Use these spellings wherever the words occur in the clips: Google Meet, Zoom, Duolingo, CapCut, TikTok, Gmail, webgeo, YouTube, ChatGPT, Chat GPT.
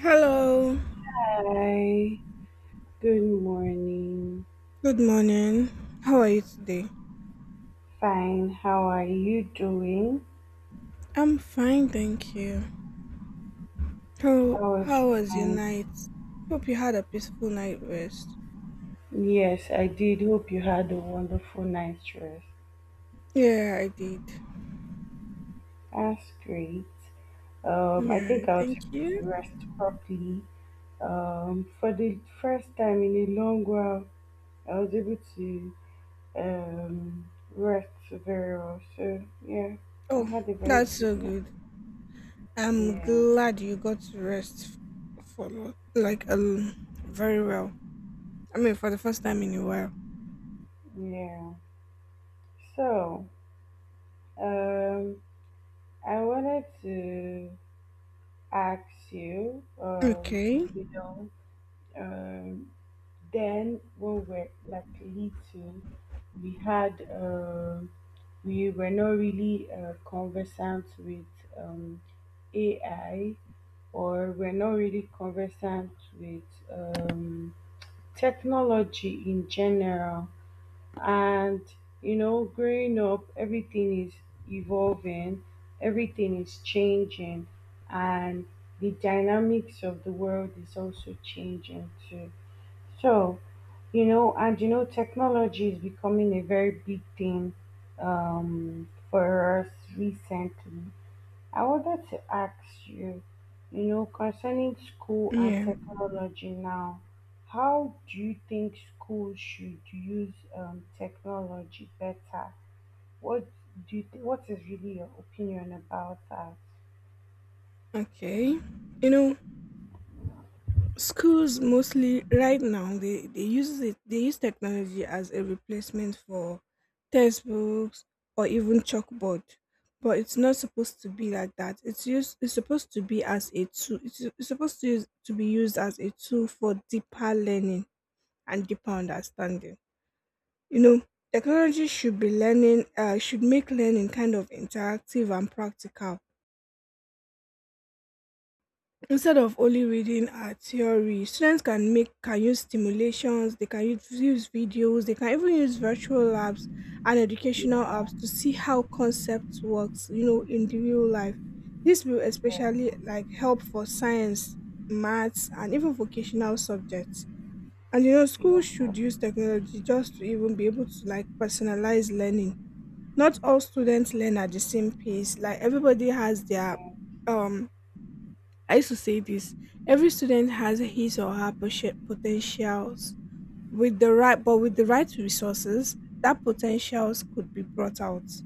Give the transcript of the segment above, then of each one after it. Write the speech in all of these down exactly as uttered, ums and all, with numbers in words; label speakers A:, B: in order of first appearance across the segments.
A: Hello.
B: Hi, good morning.
A: Good morning. How are you today?
B: Fine, how are you doing?
A: I'm fine, thank you. How
B: How was
A: how
B: your
A: was your
B: night?
A: night? Hope you had a peaceful night rest.
B: Yes, I did. Hope you had a wonderful night's rest.
A: Yeah, I did.
B: That's great. Um, I think I was able
A: You?
B: to rest properly. Um, for the first time in a long while, I was able to um rest very well. So yeah, I
A: Oh,
B: had a very
A: that's
B: good
A: so
B: night.
A: good. I'm
B: Yeah,
A: glad you got to rest for lo- like um very well. I mean, for the first time in a while.
B: yeah. So, um, I wanted to ask you, um,
A: Okay.
B: you know, um, then when we're like little, we had, um, we were not really uh, conversant with um, A I, or we're not really conversant with um, technology in general. And you know growing up, everything is evolving, everything is changing, and the dynamics of the world is also changing too. So you know and you know technology is becoming a very big thing um, for us recently. I wanted to ask you, you know, concerning school and
A: Yeah.
B: technology now, how do you think schools should use um, technology better? What do you think, what is really your opinion about that?
A: Okay. You know, schools mostly right now they, they use it they use technology as a replacement for textbooks or even chalkboard. But it's not supposed to be like that. It's used it's supposed to be as a tool, it's, it's supposed to use, to be used as a tool for deeper learning and deeper understanding. You know, technology should be learning uh, should make learning kind of interactive and practical. Instead of only reading our theory, students can make can use stimulations. They can use, use videos, they can even use virtual labs and educational
B: Yeah,
A: apps to see how concepts works, you know, in the real life. This will
B: yeah,
A: especially like help for science, maths, and even vocational subjects. And you know,
B: yeah.
A: schools should use technology just to even be able to like personalize learning. Not all students learn at the same pace. Like everybody has their
B: Okay.
A: um I used to say this. Every student has his or her poten- potentials. With the right but with the right resources, that potentials could be brought out.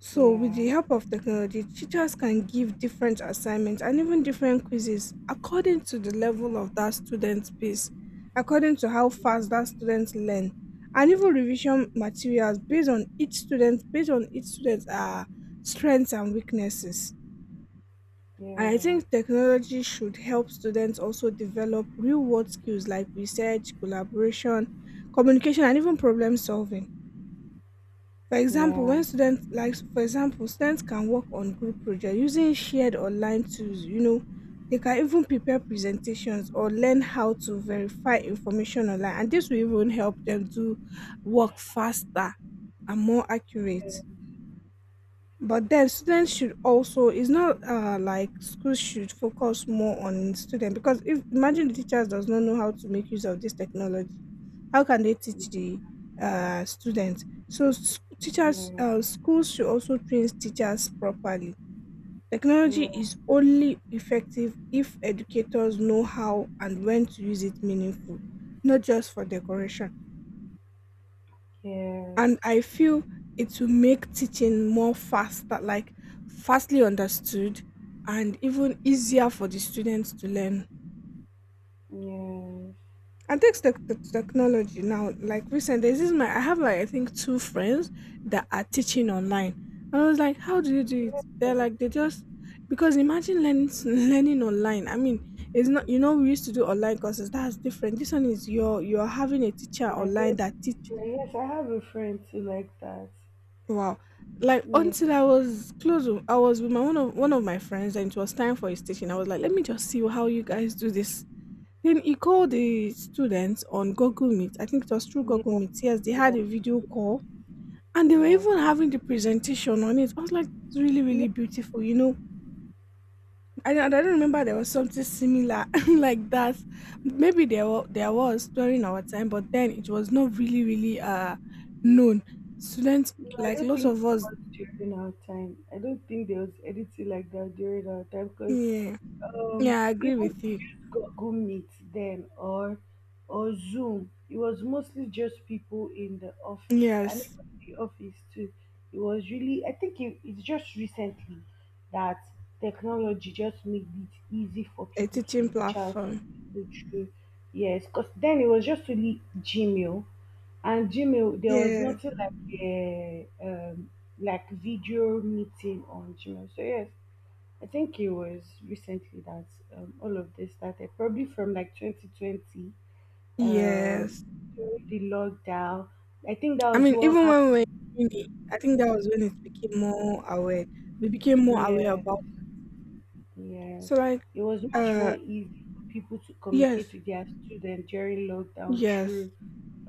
A: So with
B: Yeah,
A: the help of technology, teachers can give different assignments and even different quizzes according to the level of that student's pace, according to how fast that student learn, and even revision materials based on each student, based on each student's uh, strengths and weaknesses. And I
B: yeah,
A: think technology should help students also develop real world skills like research, collaboration, communication, and even problem solving. For example,
B: yeah,
A: when students like for example, students can work on group projects using shared online tools. You know, they can even prepare presentations or learn how to verify information online. And this will even help them do work faster and more
B: yeah, yeah,
A: accurate. But then students should also it's not uh like schools should focus more on student because if imagine the teachers does not know how to make use of this technology, how can they teach the uh students? So s- teachers
B: yeah.
A: uh, schools should also train teachers properly. Technology
B: Yes.
A: is only effective if educators know how and when to use it meaningful, not just for decoration.
B: Yes.
A: And I feel it will make teaching more faster, like fastly understood, and even easier for the students to learn. And thanks to to technology now, like recent days, this is my I have like I think two friends that are teaching online. And I was like, how do you do it?
B: Yeah.
A: They're like they just because imagine learning learning online. I mean, it's not, you know, we used to do online courses. That's different. This one is you're you're having a teacher
B: Like uh,
A: online that
B: yes, I have a friend too like that.
A: wow. Like
B: Yeah.
A: until I was close, with- I was with my one of one of my friends, and it was time for his teaching. I was like, let me just see how you guys do this. Then he called the students on Google Meet. I think it was through
B: Yeah.
A: Google Meet. Yes, they had
B: Yeah.
A: a video call and they were
B: Yeah.
A: even having the presentation on it. I was like, it's really,
B: Yeah.
A: really beautiful, you know. And I, I don't remember there was something similar like that. Maybe there was, there was during our time, but then it was not really, really uh known. Students,
B: No, I
A: like
B: don't
A: lots
B: think
A: of
B: it
A: us,
B: was during our time. I don't think there was anything like that during our time because
A: yeah,
B: um,
A: yeah, I agree
B: even
A: with
B: to
A: you.
B: use Google Meet then or or Zoom, it was mostly just people in the office and
A: Yes,
B: even the office too. It was really, I think it, it's just recently that technology just made it easy for
A: a
B: people to
A: teaching
B: reach out to
A: platform.
B: people through. Yes, because then it was just only Gmail. And Gmail, there was
A: Yeah,
B: nothing like a um, like video meeting on Gmail. So yes, I think it was recently that um, all of this started, probably from like twenty twenty,
A: yes.
B: um, during the lockdown. I think that
A: I
B: was
A: mean,
B: what
A: even when we were in
B: happened.
A: uni, I think that was when it became more aware. We became more aware
B: Yeah,
A: about
B: yes,
A: so like
B: it was much
A: uh
B: more easy for people to
A: yes,
B: communicate with their students during lockdown
A: yes,
B: through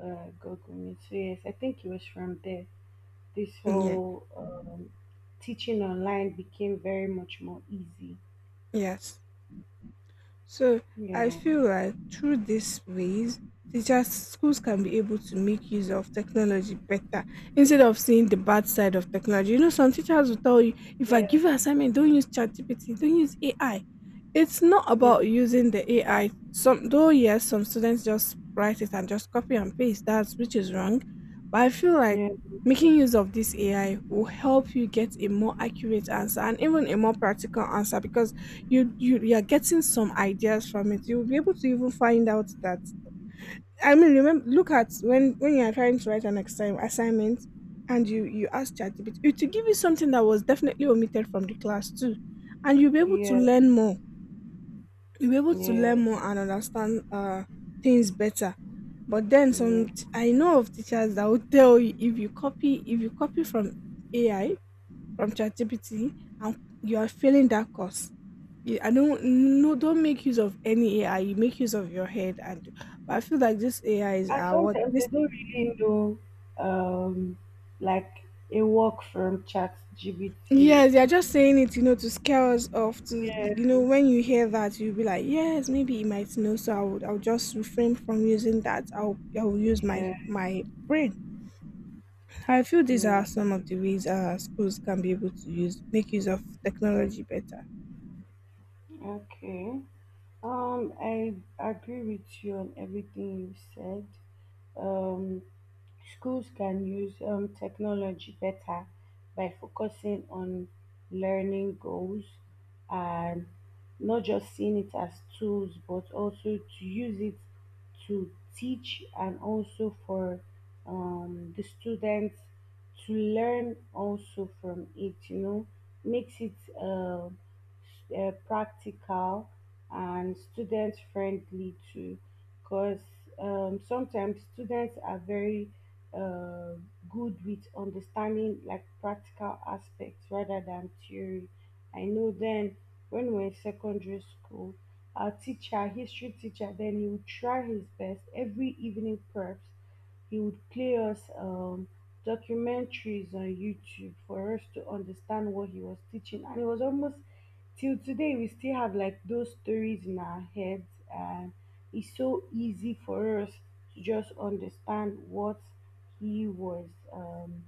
B: uh, Google Meet. So yes, I think it was from there. This
A: yeah,
B: whole um, teaching online became very much more easy.
A: yes. So I
B: Yeah,
A: feel like through these ways, teachers, schools can be able to make use of technology better instead of seeing the bad side of technology. You know, some teachers will tell you, if I
B: yeah,
A: give you assignment, don't use ChatGPT, don't use A I. It's not
B: yeah,
A: about using the A I. Some though, yes, some students just write it and just copy and paste. That's which is wrong. But I feel like
B: yeah,
A: making use of this A I will help you get a more accurate answer and even a more practical answer because you you you are getting some ideas from it. You'll be able to even find out that, I mean, remember, look at when when you are trying to write an exam assignment and you you ask ChatGPT, it will give you something that was definitely omitted from the class too, and you'll be able to
B: yeah,
A: learn more. you'll be able to
B: yeah,
A: learn more and understand uh things better. But then
B: yeah.
A: some t- I know of teachers that will tell you if you copy, if you copy from AI, from ChatGPT, and you are failing that course. Yeah, I don't, no, don't make use of any A I. You make use of your head and but I feel like this A Is
B: And
A: are what.
B: sometimes they don't really know, um, like a work from Chat G B T.
A: Yes, they're just saying it, you know, to scare us off. To
B: Yeah,
A: You know, when you hear that you'll be like, yes, maybe it might know, so I'll I'll just refrain from using that. I'll I'll use my
B: yeah,
A: my brain. I feel these
B: yeah.
A: are some of the ways uh schools can be able to use make use of technology better.
B: Okay. Um, I agree with you on everything you said. Um, Schools can use um, technology better by focusing on learning goals and not just seeing it as tools, but also to use it to teach and also for um, the students to learn also from it, you know, makes it uh, uh, practical and student friendly too because um, sometimes students are very uh, good with understanding like practical aspects rather than theory. I know, then when we were in secondary school, our teacher, history teacher, then he would try his best every evening, perhaps he would play us um, documentaries on YouTube for us to understand what he was teaching. And it was almost, till today we still have like those stories in our heads, and it's so easy for us to just understand what he was. um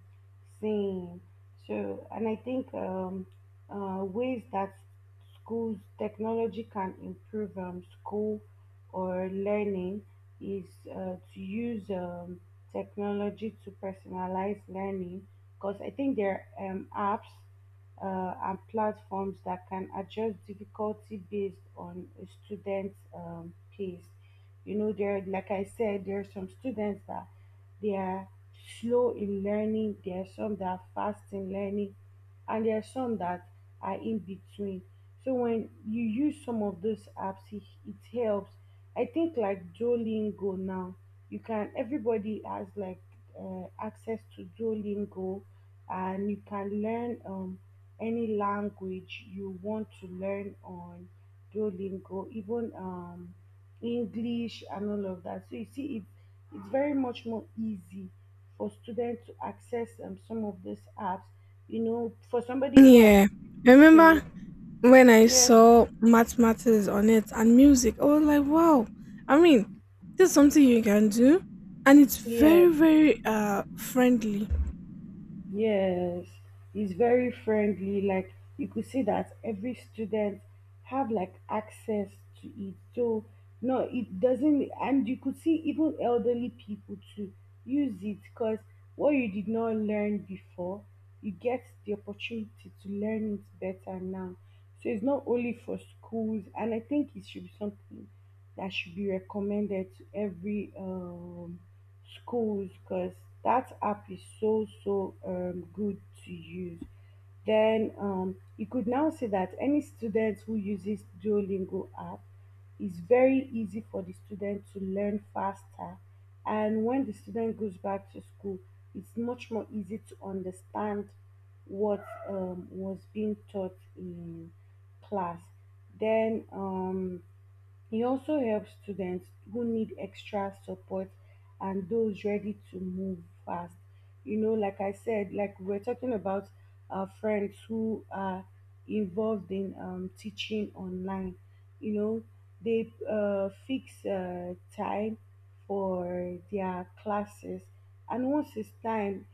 B: Same. Sure. And I think um, uh, ways that schools technology can improve um, school or learning is uh, to use um, technology to personalize learning, because I think there are um, apps uh, and platforms that can adjust difficulty based on a student's um, pace. You know, there, like I said, there are some students that they are slow in learning. There are some that are fast in learning, and there are some that are in between. So when you use some of those apps, it, it helps. I think like Duolingo now, you can. Everybody has like uh, access to Duolingo, and you can learn um any language you want to learn on Duolingo. Even um English and all of that. So you see, it's it's very much more easy for students to access um, some of these apps. You know, for somebody who has
A: Yeah. I remember
B: seen,
A: when I
B: yeah,
A: saw mathematics on it and music, I was like, wow. I mean, this is something you can do and it's
B: yeah.
A: very, very uh friendly.
B: Yes, he's very friendly. Like you could see that every student have like access to it. So no, it doesn't. And you could see even elderly people to use it, because what you did not learn before, you get the opportunity to learn it better now. So it's not only for schools, and I think it should be something that should be recommended to every um schools because that app is so so um, good to use. Then um, you could now see that any student who uses Duolingo app, is very easy for the student to learn faster. And when the student goes back to school, it's much more easy to understand what um, was being taught in class. Then um, he also helps students who need extra support and those ready to move fast. You know, like I said, like we we're talking about our friends who are involved in um, teaching online. You know, they uh, fix uh, time for their classes, and once it's time,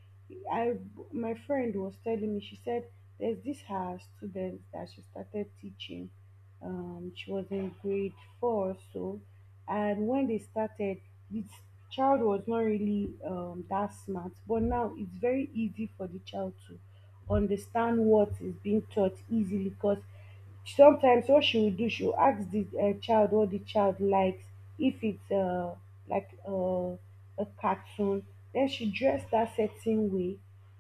B: I my friend was telling me. She said there's this her student that she started teaching, um, she was in grade four or so. And when they started, this child was not really um, that smart, but now it's very easy for the child to understand what is being taught easily, because sometimes what she will do, she will ask the uh, child what the child likes. If it's uh, like uh, a cartoon, then she dress that certain way,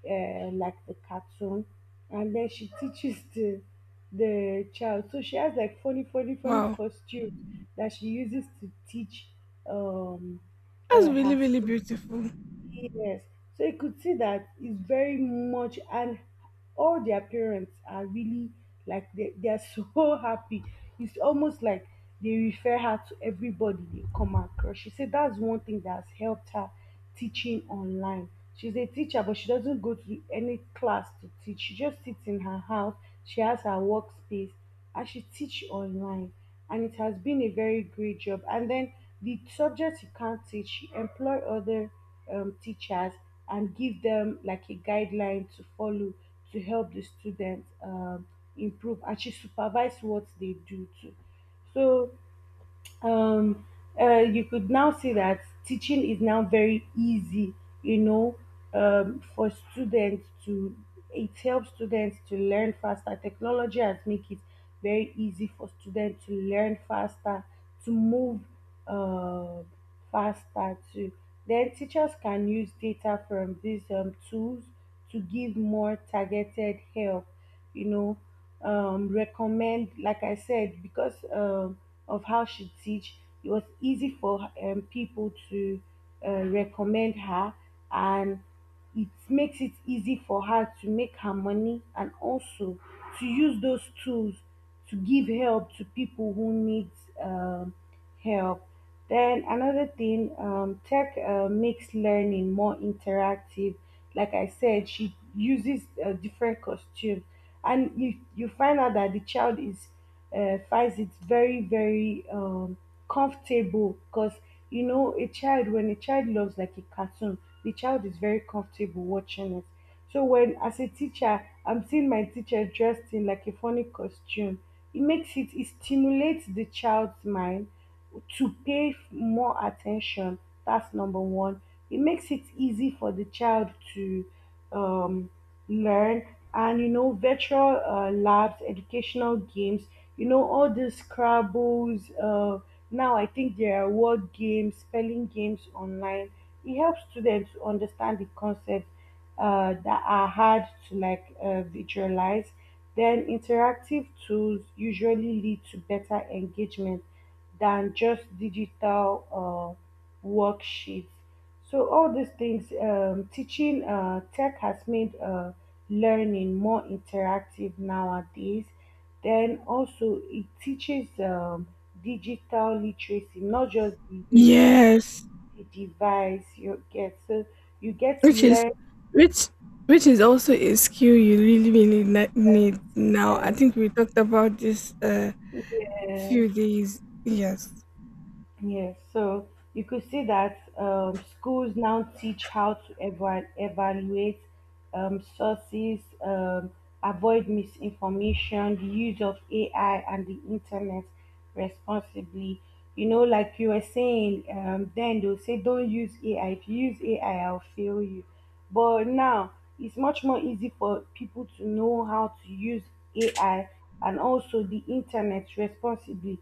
B: uh, like the cartoon, and then she teaches the the child. So she has like funny, funny, funny
A: Wow.
B: costumes that she uses to teach um,
A: That's
B: uh,
A: really,
B: her
A: really
B: students.
A: beautiful.
B: Yes. So you could see that it's very much, and all their parents are really like they, they are so happy. It's almost like they refer her to everybody they come across. She said that's one thing that has helped her teaching online. She's a teacher, but she doesn't go to any class to teach. She just sits in her house. She has her workspace, and she teach online, and it has been a very great job. And then the subjects you can't teach, she employ other um, teachers and give them like a guideline to follow to help the students um, improve. And she supervise what they do too. So um, uh, you could now see that teaching is now very easy, you know, um, for students to, it helps students to learn faster. Technology has make it very easy for students to learn faster, to move uh, faster too. Then teachers can use data from these um, tools to give more targeted help, you know, um, recommend, like I said, because um of how she teach, it was easy for um, people to uh, recommend her, and it makes it easy for her to make her money, and also to use those tools to give help to people who need um, help. Then another thing, um, tech uh, makes learning more interactive. Like I said, she uses uh, different costumes, and you you find out that the child is uh, finds it very very um, comfortable, because you know, a child, when a child loves like a cartoon, the child is very comfortable watching it. So when as a teacher I'm seeing my teacher dressed in like a funny costume, it makes it it stimulates the child's mind to pay f- more attention. That's number one. It makes it easy for the child to um, learn. And you know, virtual uh, labs, educational games, you know, all these scrabbles, uh, now I think there are word games, spelling games online. It helps students to understand the concepts uh, that are hard to like uh, visualize. Then interactive tools usually lead to better engagement than just digital uh, worksheets. So all these things, um, teaching uh, tech has made uh, learning more interactive nowadays. Then also it teaches um, digital literacy, not just the use of
A: Yes.
B: the device. You get so you get to
A: Which is
B: learn.
A: which which is also a skill you really, really ne- need now. I
B: Uh,
A: think we talked about this uh
B: yeah.
A: few days. Yes.
B: Yes, so you could see that um, schools now teach how to eva- evaluate um, sources, um, avoid misinformation, the use of A I and the internet responsibly. You know, like you were saying, um, then they'll say, don't use A I. If you use A I, I'll fail you. But now it's much more easy for people to know how to use A I and also the internet responsibly,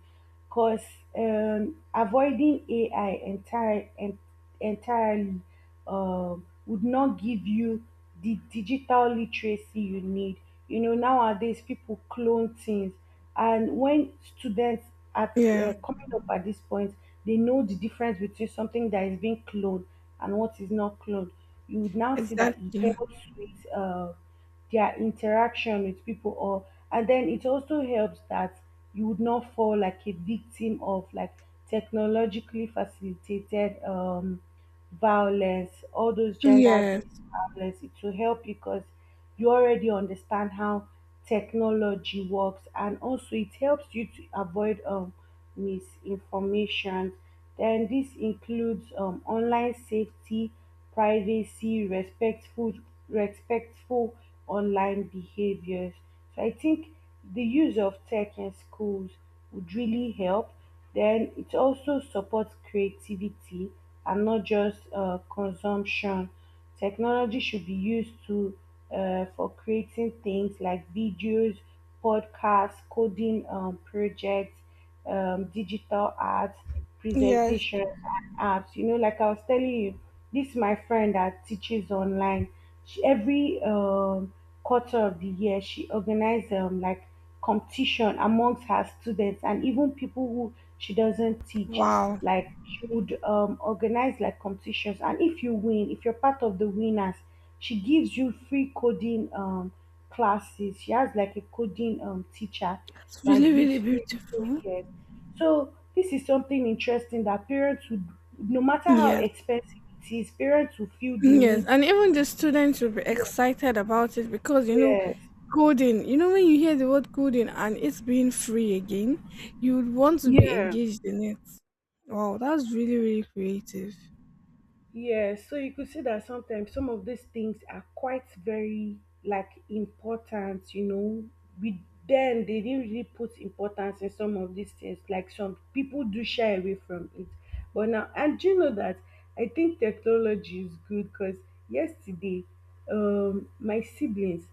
B: because um, avoiding A I entire, en- entirely um, would not give you the digital literacy you need. You know, nowadays people clone things, and when students are
A: Yeah,
B: uh, coming up at this point, they know the difference between something that is being cloned and what is not cloned. You would now see that it
A: exactly.
B: helps with. Uh, their interaction with people or and then it also helps that you would not fall like a victim of like technologically facilitated um violence, all those gender based
A: Yes.
B: violence. It will help because you already understand how technology works, and also it helps you to avoid um misinformation. Then this includes um online safety, privacy, respectful respectful online behaviors. So I think the use of tech in schools would really help. Then it also supports creativity and not just uh, consumption. Technology should be used to uh, for creating things like videos, podcasts, coding um, projects, um, digital art,
A: Yes.
B: presentations, and apps. You know, like I was telling you, this my friend that teaches online. She, every um, quarter of the year, she organizes um, like competition amongst her students and even people who she doesn't teach.
A: Wow.
B: Like she would um, organize like competitions, and if you win, if you're part of the winners, she gives you free coding. Um, classes. She has like a coding um teacher
A: It's
B: that
A: really, really
B: gives free
A: beautiful.
B: tutorials. So this is something interesting that parents would, no matter how
A: Yes.
B: expensive it is, parents will feel the
A: Yes,
B: need.
A: and even the students will be
B: Yeah,
A: excited about it because you know
B: yes,
A: coding. You know when you hear the word coding and it's being free again, you would want to be
B: yeah.
A: engaged in it. Wow, that's really really creative.
B: Yes, so you could see that sometimes some of these things are quite very like important, you know. We then they didn't really put importance in some of these things. Like some people do shy away from it. But now, and do you know that I think technology is good because yesterday um my siblings,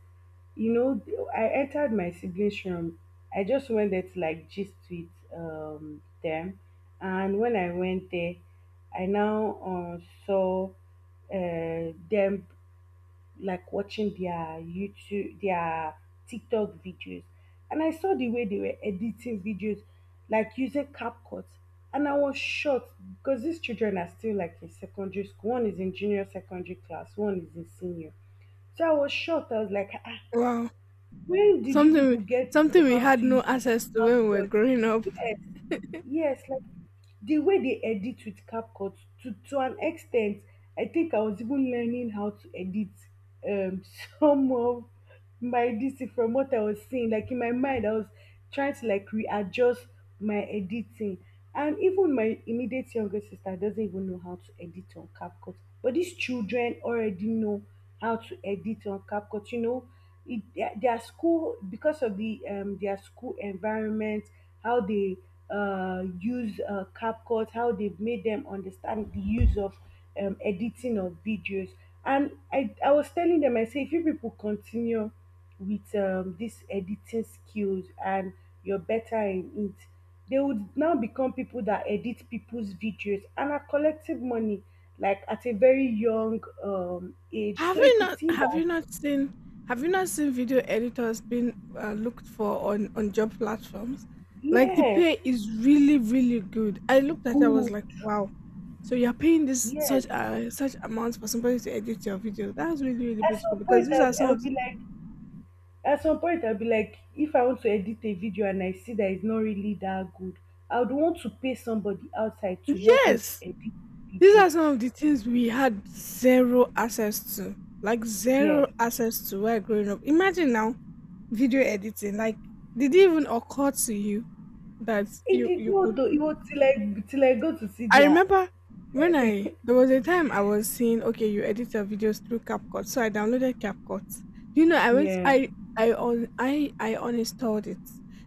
B: you know, I entered my siblings' room. I just went there to like gist with um, them. And when I went there, I now um, saw uh, them like watching their YouTube, their TikTok videos. And I saw the way they were editing videos, like using CapCut. And I was shocked because these children are still like in secondary school. One is in junior secondary class, one is in senior. So I was shocked. I was like, ah,
A: Wow,
B: when did you
A: something we-
B: people get to
A: something
B: know
A: we
B: how
A: had
B: to
A: no
B: use
A: access to when we were
B: CapCut?
A: growing up.
B: Yes, yes, like the way they edit with CapCut to to an extent, I think I was even learning how to edit um some of my this from what I was seeing. Like in my mind, I was trying to like readjust my editing. And even my immediate younger sister doesn't even know how to edit on CapCut. But these children already know how to edit on CapCut. You know it, their their school, because of the um, their school environment, how they uh, use uh, CapCut, how they've made them understand the use of um, editing of videos. And I, I was telling them, I say if you people continue with um, this editing skills and you're better in it, they would now become people that edit people's videos and are collective money like at a very young um, age.
A: Have
B: So you
A: you
B: could
A: not?
B: see
A: Have
B: that,
A: you not seen? Have you not seen video editors being uh, looked for on on job platforms? Like the
B: yes.
A: pay is really really good. I looked at it. I was
B: Cool.
A: wow. So you're paying this
B: Yes.
A: such uh, such amount for somebody to edit your video. That's really really
B: At some
A: beautiful.
B: point, I'll,
A: That's some
B: I'll
A: of the,
B: be like, at some point, I'll be like, if I want to edit a video and I see that it's not really that good, I would want to pay somebody outside to help me to
A: yes,
B: edit the
A: these
B: video.
A: are some of the things we had zero access to, like
B: Yeah.
A: zero access to while growing up. Imagine now video editing. Like, did it even occur to you that
B: It did not, though. It was till I, till I go to see
A: I
B: their,
A: remember when I there was a time I was seeing okay, you edit your videos through CapCut. So I downloaded CapCut. Do you know I went
B: yeah.
A: I I on I I uninstalled it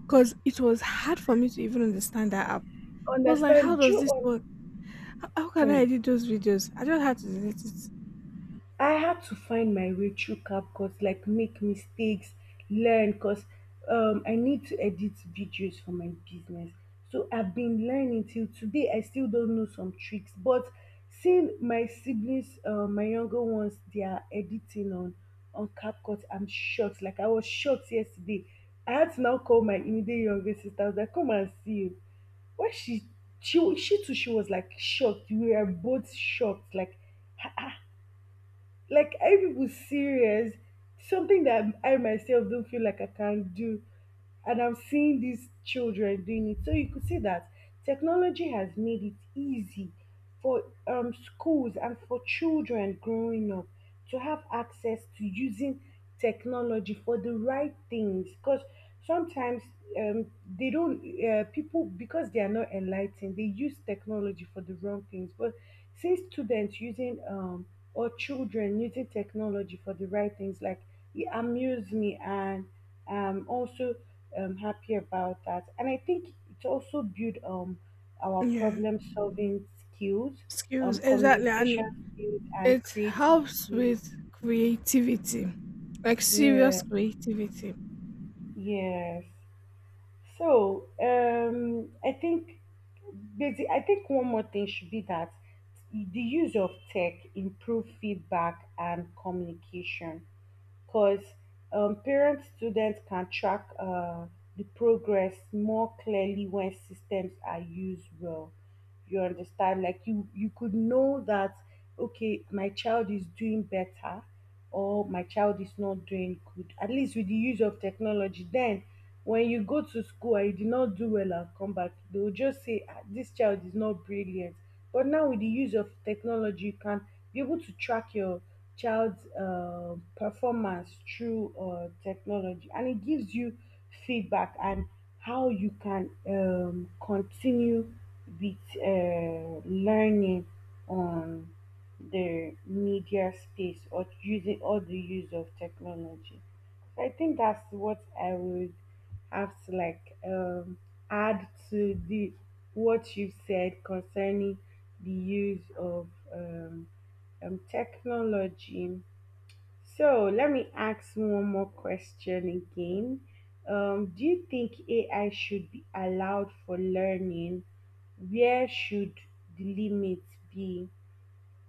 A: because it was hard for me to even understand that app. I was like, how
B: Understand? Do
A: does
B: you
A: this
B: un-
A: work? How, how can I
B: hmm.
A: edit those videos? I just had to delete it.
B: I had to find my way through CapCut, like make mistakes, learn, cause um I need to edit videos for my business. So I've been learning till today. I still don't know some tricks, but seeing my siblings, um my younger ones, they are editing on on CapCut, I'm shocked. Like I was shocked yesterday. I had to now call my immediate younger sister. I was like, come and see o. When she she she too, she was like shocked. We were both shocked, like like are you people serious? Something that I myself don't feel like I can do, and I'm seeing these children doing it. So you could see that technology has made it easy for um, schools and for children growing up to have access to using technology for the right things. Because sometimes um, they don't uh, people, because they are not enlightened, they use technology for the wrong things. But see students using um or children using technology for the right things, like it amuse me. And I'm also um, happy about that. And I think it also build um our
A: Yeah,
B: problem solving skills,
A: skills.
B: um
A: Exactly. And
B: communication skills, and
A: it
B: creative
A: helps
B: skills.
A: with creativity, like
B: Yeah,
A: serious creativity.
B: yes. So um, I think basi- I think one more thing should be that the use of tech improve feedback and communication, because um, parents, students can track uh, the progress more clearly when systems are used well. You understand, like you you could know that okay, my child is doing better, or my child is not doing good, at least with the use of technology. Then when you go to school and you did not do well and come back, they will just say, "Ah, this child is not brilliant." But now with the use of technology, you can be able to track your child's uh, performance through uh, technology, and it gives you feedback and how you can um, continue with uh, learning on the media space or using all the use of technology. So I think that's what I would have to like um, add to the what you said concerning the use of um, um, technology. So let me ask one more question again. Um, do you think A I should be allowed for learning? Where should the limit be?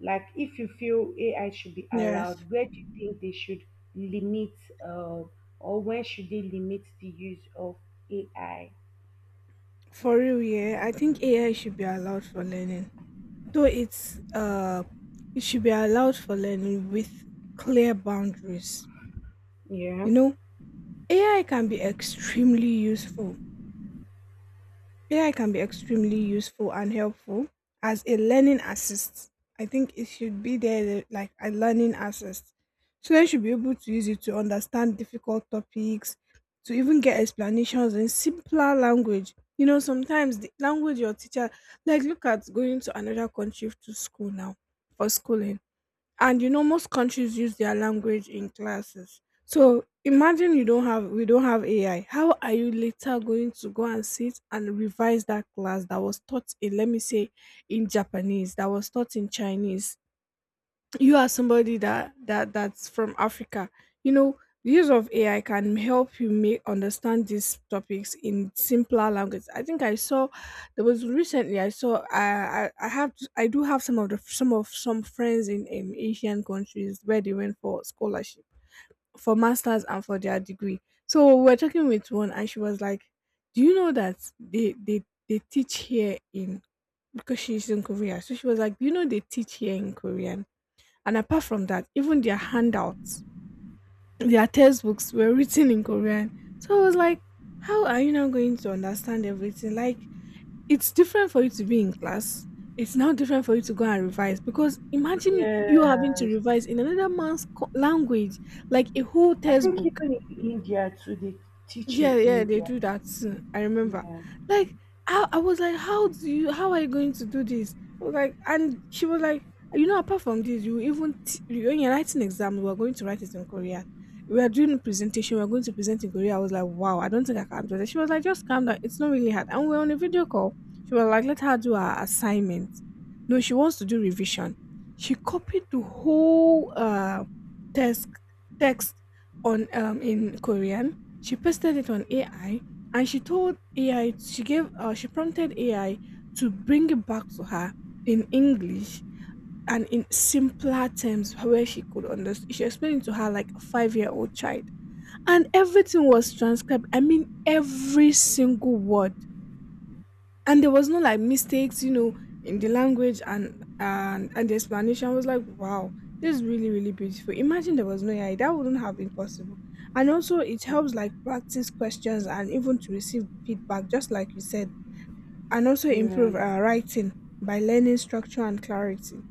B: Like, if you feel A I should be
A: Yes,
B: allowed, where do you think they should limit, uh, or when should they limit the use of A I?
A: for real, yeah. I think A I should be allowed for learning. Though it's uh it should be allowed for learning with clear boundaries. You
B: Yeah.
A: know, A I can be extremely useful A I can be extremely useful and helpful as a learning assist. I think it should be there like a learning assist. Students should be able to use it to understand difficult topics, to even get explanations in simpler language. You know, sometimes the language your teacher, like look at going to another country to school now for schooling. And you know most countries use their language in classes, so imagine you don't have, we don't have AI, how are you later going to go and sit and revise that class that was taught in, let me say, in Japanese, that was taught in Chinese. You are somebody that that that's from Africa, you know. The use of AI can help you make understand these topics in simpler language. I think I saw, there was recently I saw, i i, I have i do have some of the some of some friends in um, Asian countries where they went for scholarship for masters and for their degree. So we we're talking with one and she was like, do you know that they they they teach here in, because she's in Korea, so she was like, do you know they teach here in Korean? And apart from that, even their handouts, their textbooks were written in Korean. So I was like, how are you now going to understand everything? Like, it's different for you to be in class. It's now different for you to go and revise because imagine you having to
B: Yes,
A: revise in another man's co- language, like a whole
B: I think
A: textbook.
B: even in India too, they teach
A: Yeah,
B: in
A: yeah, they
B: India.
A: do that too. I remember.
B: Yeah,
A: Like, I, I was like, how do you, how are you going to do this? I was like, and she was like, you know, apart from this, you even, t- when you're writing exam, we're going to write it in Korean. We are doing a presentation, we're going to present in Korea. I was like, wow, I don't think I can do that. She was like, just calm down. It's not really hard. And we're on a video call. She was like, let her do her assignment. No, she wants to do revision. She copied the whole uh, test text on um, in Korean. She pasted it on A I, and she told A I she gave uh, she prompted A I to bring it back to her in English and in simpler terms where she could understand. She explained it to her like a five year old child, and everything was transcribed. I mean, every single word, and there was no like mistakes, you know, in the language, and and and the explanation. I was like, wow, this is really really beautiful. Imagine there was no AI, that wouldn't have been possible. And also it helps like practice questions and even to receive feedback, just like you said, and also
B: yeah.
A: improve uh, writing by learning structure and clarity.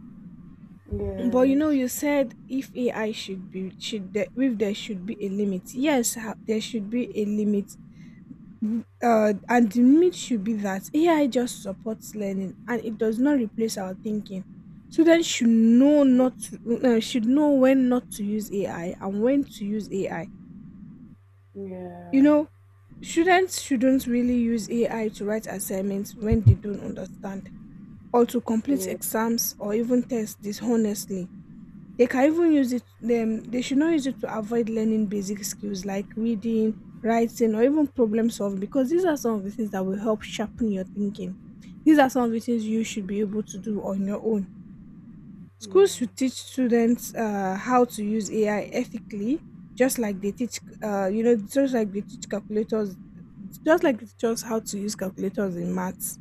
A: But you know,
B: Yes.
A: you said if AI should be should there, if there should be a limit, yes, ha- there should be a limit. Mm, uh, and the myth should be that A I just supports learning and it does not replace our thinking. Students should know not to, uh, should know when not to use A I and when to use A I. You
B: Yeah.
A: know, students shouldn't really use A I to write assignments when they don't understand, or to complete
B: Yeah.
A: exams or even tests dishonestly. They can even use it them they should not use it to avoid learning basic skills like reading, writing, or even problem solving, because these are some of the things that will help sharpen your thinking. These are some of the things you should be able to do on your own.
B: Yeah.
A: Schools should teach students uh, how to use A I ethically, just like they teach uh, you know, just like they teach calculators, just like they teach us how to use calculators in maths.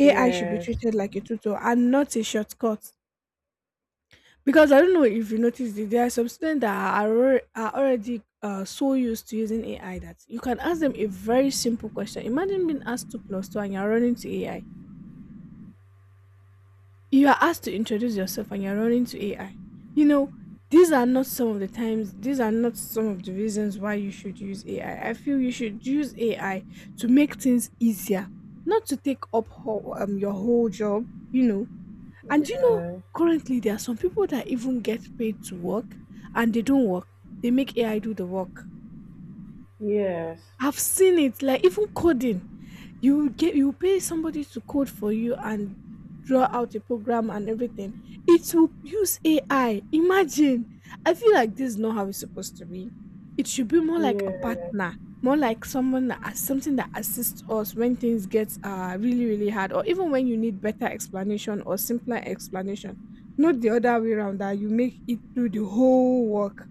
A: A I should be
B: Yes.
A: treated like a tutor and not a shortcut. Because I don't know if you noticed it, there are some students that are, alre- are already uh, so used to using A I that you can ask them a very simple question. Imagine being asked two plus two and you're running to A I. You are asked to introduce yourself and you're running to A I. You know, these are not some of the times, these are not some of the reasons why you should use A I. I I feel you should use A I to make things easier, not to take up whole, um, your whole job, you know, and you know,
B: Uh,
A: currently there are some people that even get paid to work and they don't work. They make A I do the work.
B: yes.
A: I've seen it, like even coding. You get you pay somebody to code for you and draw out a program and everything. It will use A I. Imagine. I feel like this is not how it's supposed to be. It should be more like,
B: Yes.
A: nah, more like someone that as- something that assists us when things get uh really really hard, or even when you need better explanation or simpler explanation. Not the other way around that you make it do the whole work.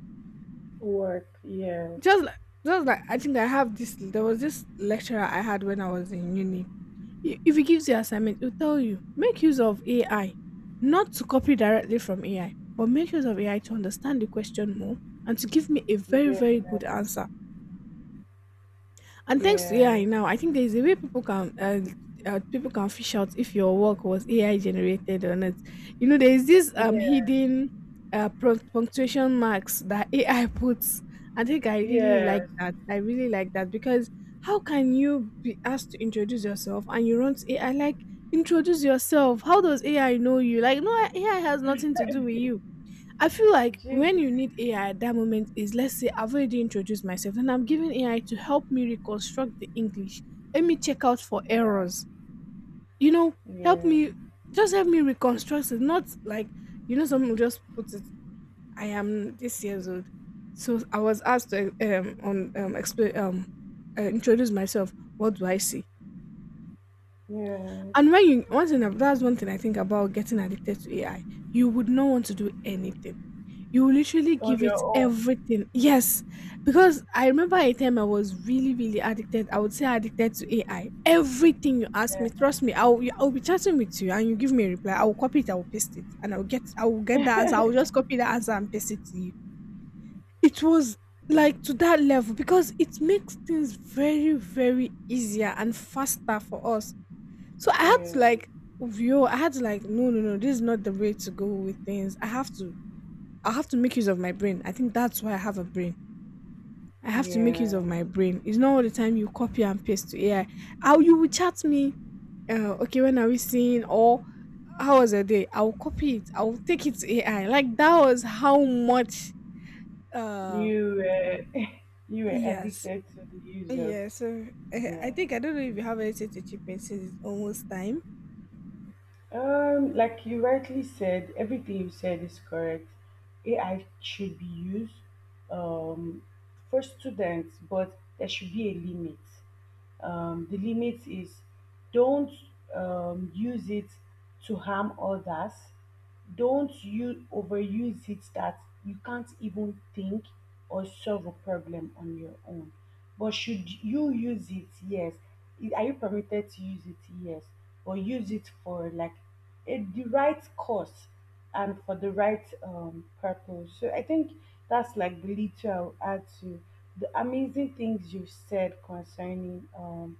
B: Work. Yes.
A: Just like just like I think I have this. There was this lecturer I had when I was in uni. I- If he gives you assignment, he'll tell you make use of A I, not to copy directly from A I, but make use of A I to understand the question more and to give me a very
B: Yes.
A: very good answer. And thanks to A I
B: Yes.
A: now, I think there is a way people can uh, uh, people can fish out if your work was A I generated or not. You know, there is this um
B: Yes.
A: hidden uh prunc- punctuation marks that A I puts. I think I really like
B: Yes.
A: that. I really like that. Because how can you be asked to introduce yourself and you want A I like, introduce yourself? How does A I know you? Like no, A I has nothing to do with you. I feel like
B: Jig.
A: when you need A I at that moment is, let's say I've already introduced myself and I'm giving A I to help me reconstruct the English. Let me check out for errors. You know, help
B: Yeah.
A: me just help me reconstruct it. Not like, you know, someone will just put, I am this years old. So I was asked to um on um explain, um uh, introduce myself. What do I see?
B: Yes.
A: And when you one thing that's one thing I think about getting addicted to A I. You would not want to do anything. You will literally
B: On
A: give
B: your
A: it
B: own.
A: everything. Yes, because I remember a time I was really, really addicted. I would say addicted to A I. Everything you ask
B: Yeah.
A: me, trust me, I'll I'll be chatting with you and you give me a reply. I will copy it, I will paste it, and I'll get I will get the answer. I will just copy the answer and paste it to you. It was like to that level because it makes things very, very easier and faster for us. So I had to
B: Yes.
A: like, yo, I had to like, no, no, no, this is not the way to go with things. I have to I have to make use of my brain. I think that's why I have a brain. I have to make use
B: Yeah.
A: of my brain. It's not all the time you copy and paste to A I. How you will chat me, uh, okay, when are we seeing? Or how was the day? I'll copy it. I'll take it to A I. Like that was how much. Uh,
B: You. Uh, you were
A: yes,
B: addicted to the use of.
A: yeah. So eh, I
B: Yeah.
A: think I don't know if you have anything to chip in, since it's almost time.
B: Um, like you rightly said, everything you said is correct. A I should be used um, for students, but there should be a limit. Um, the limit is, don't um, use it to harm others. Don't you overuse it that you can't even think or solve a problem on your own. But should you use it? Yes. I- Are you permitted to use it? Yes. But use it for like a, the right cause and for the right um, purpose. So I think that's like the little I'll add to the amazing things you've said concerning um,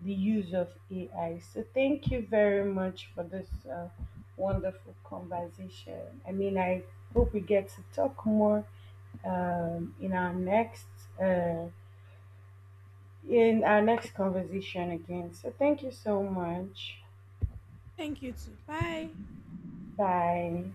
B: the use of A I. So thank you very much for this uh, wonderful conversation. I mean, I hope we get to talk more um, in our next uh, in our next conversation again. So thank you so much.
A: Thank you too. Bye.
B: Bye.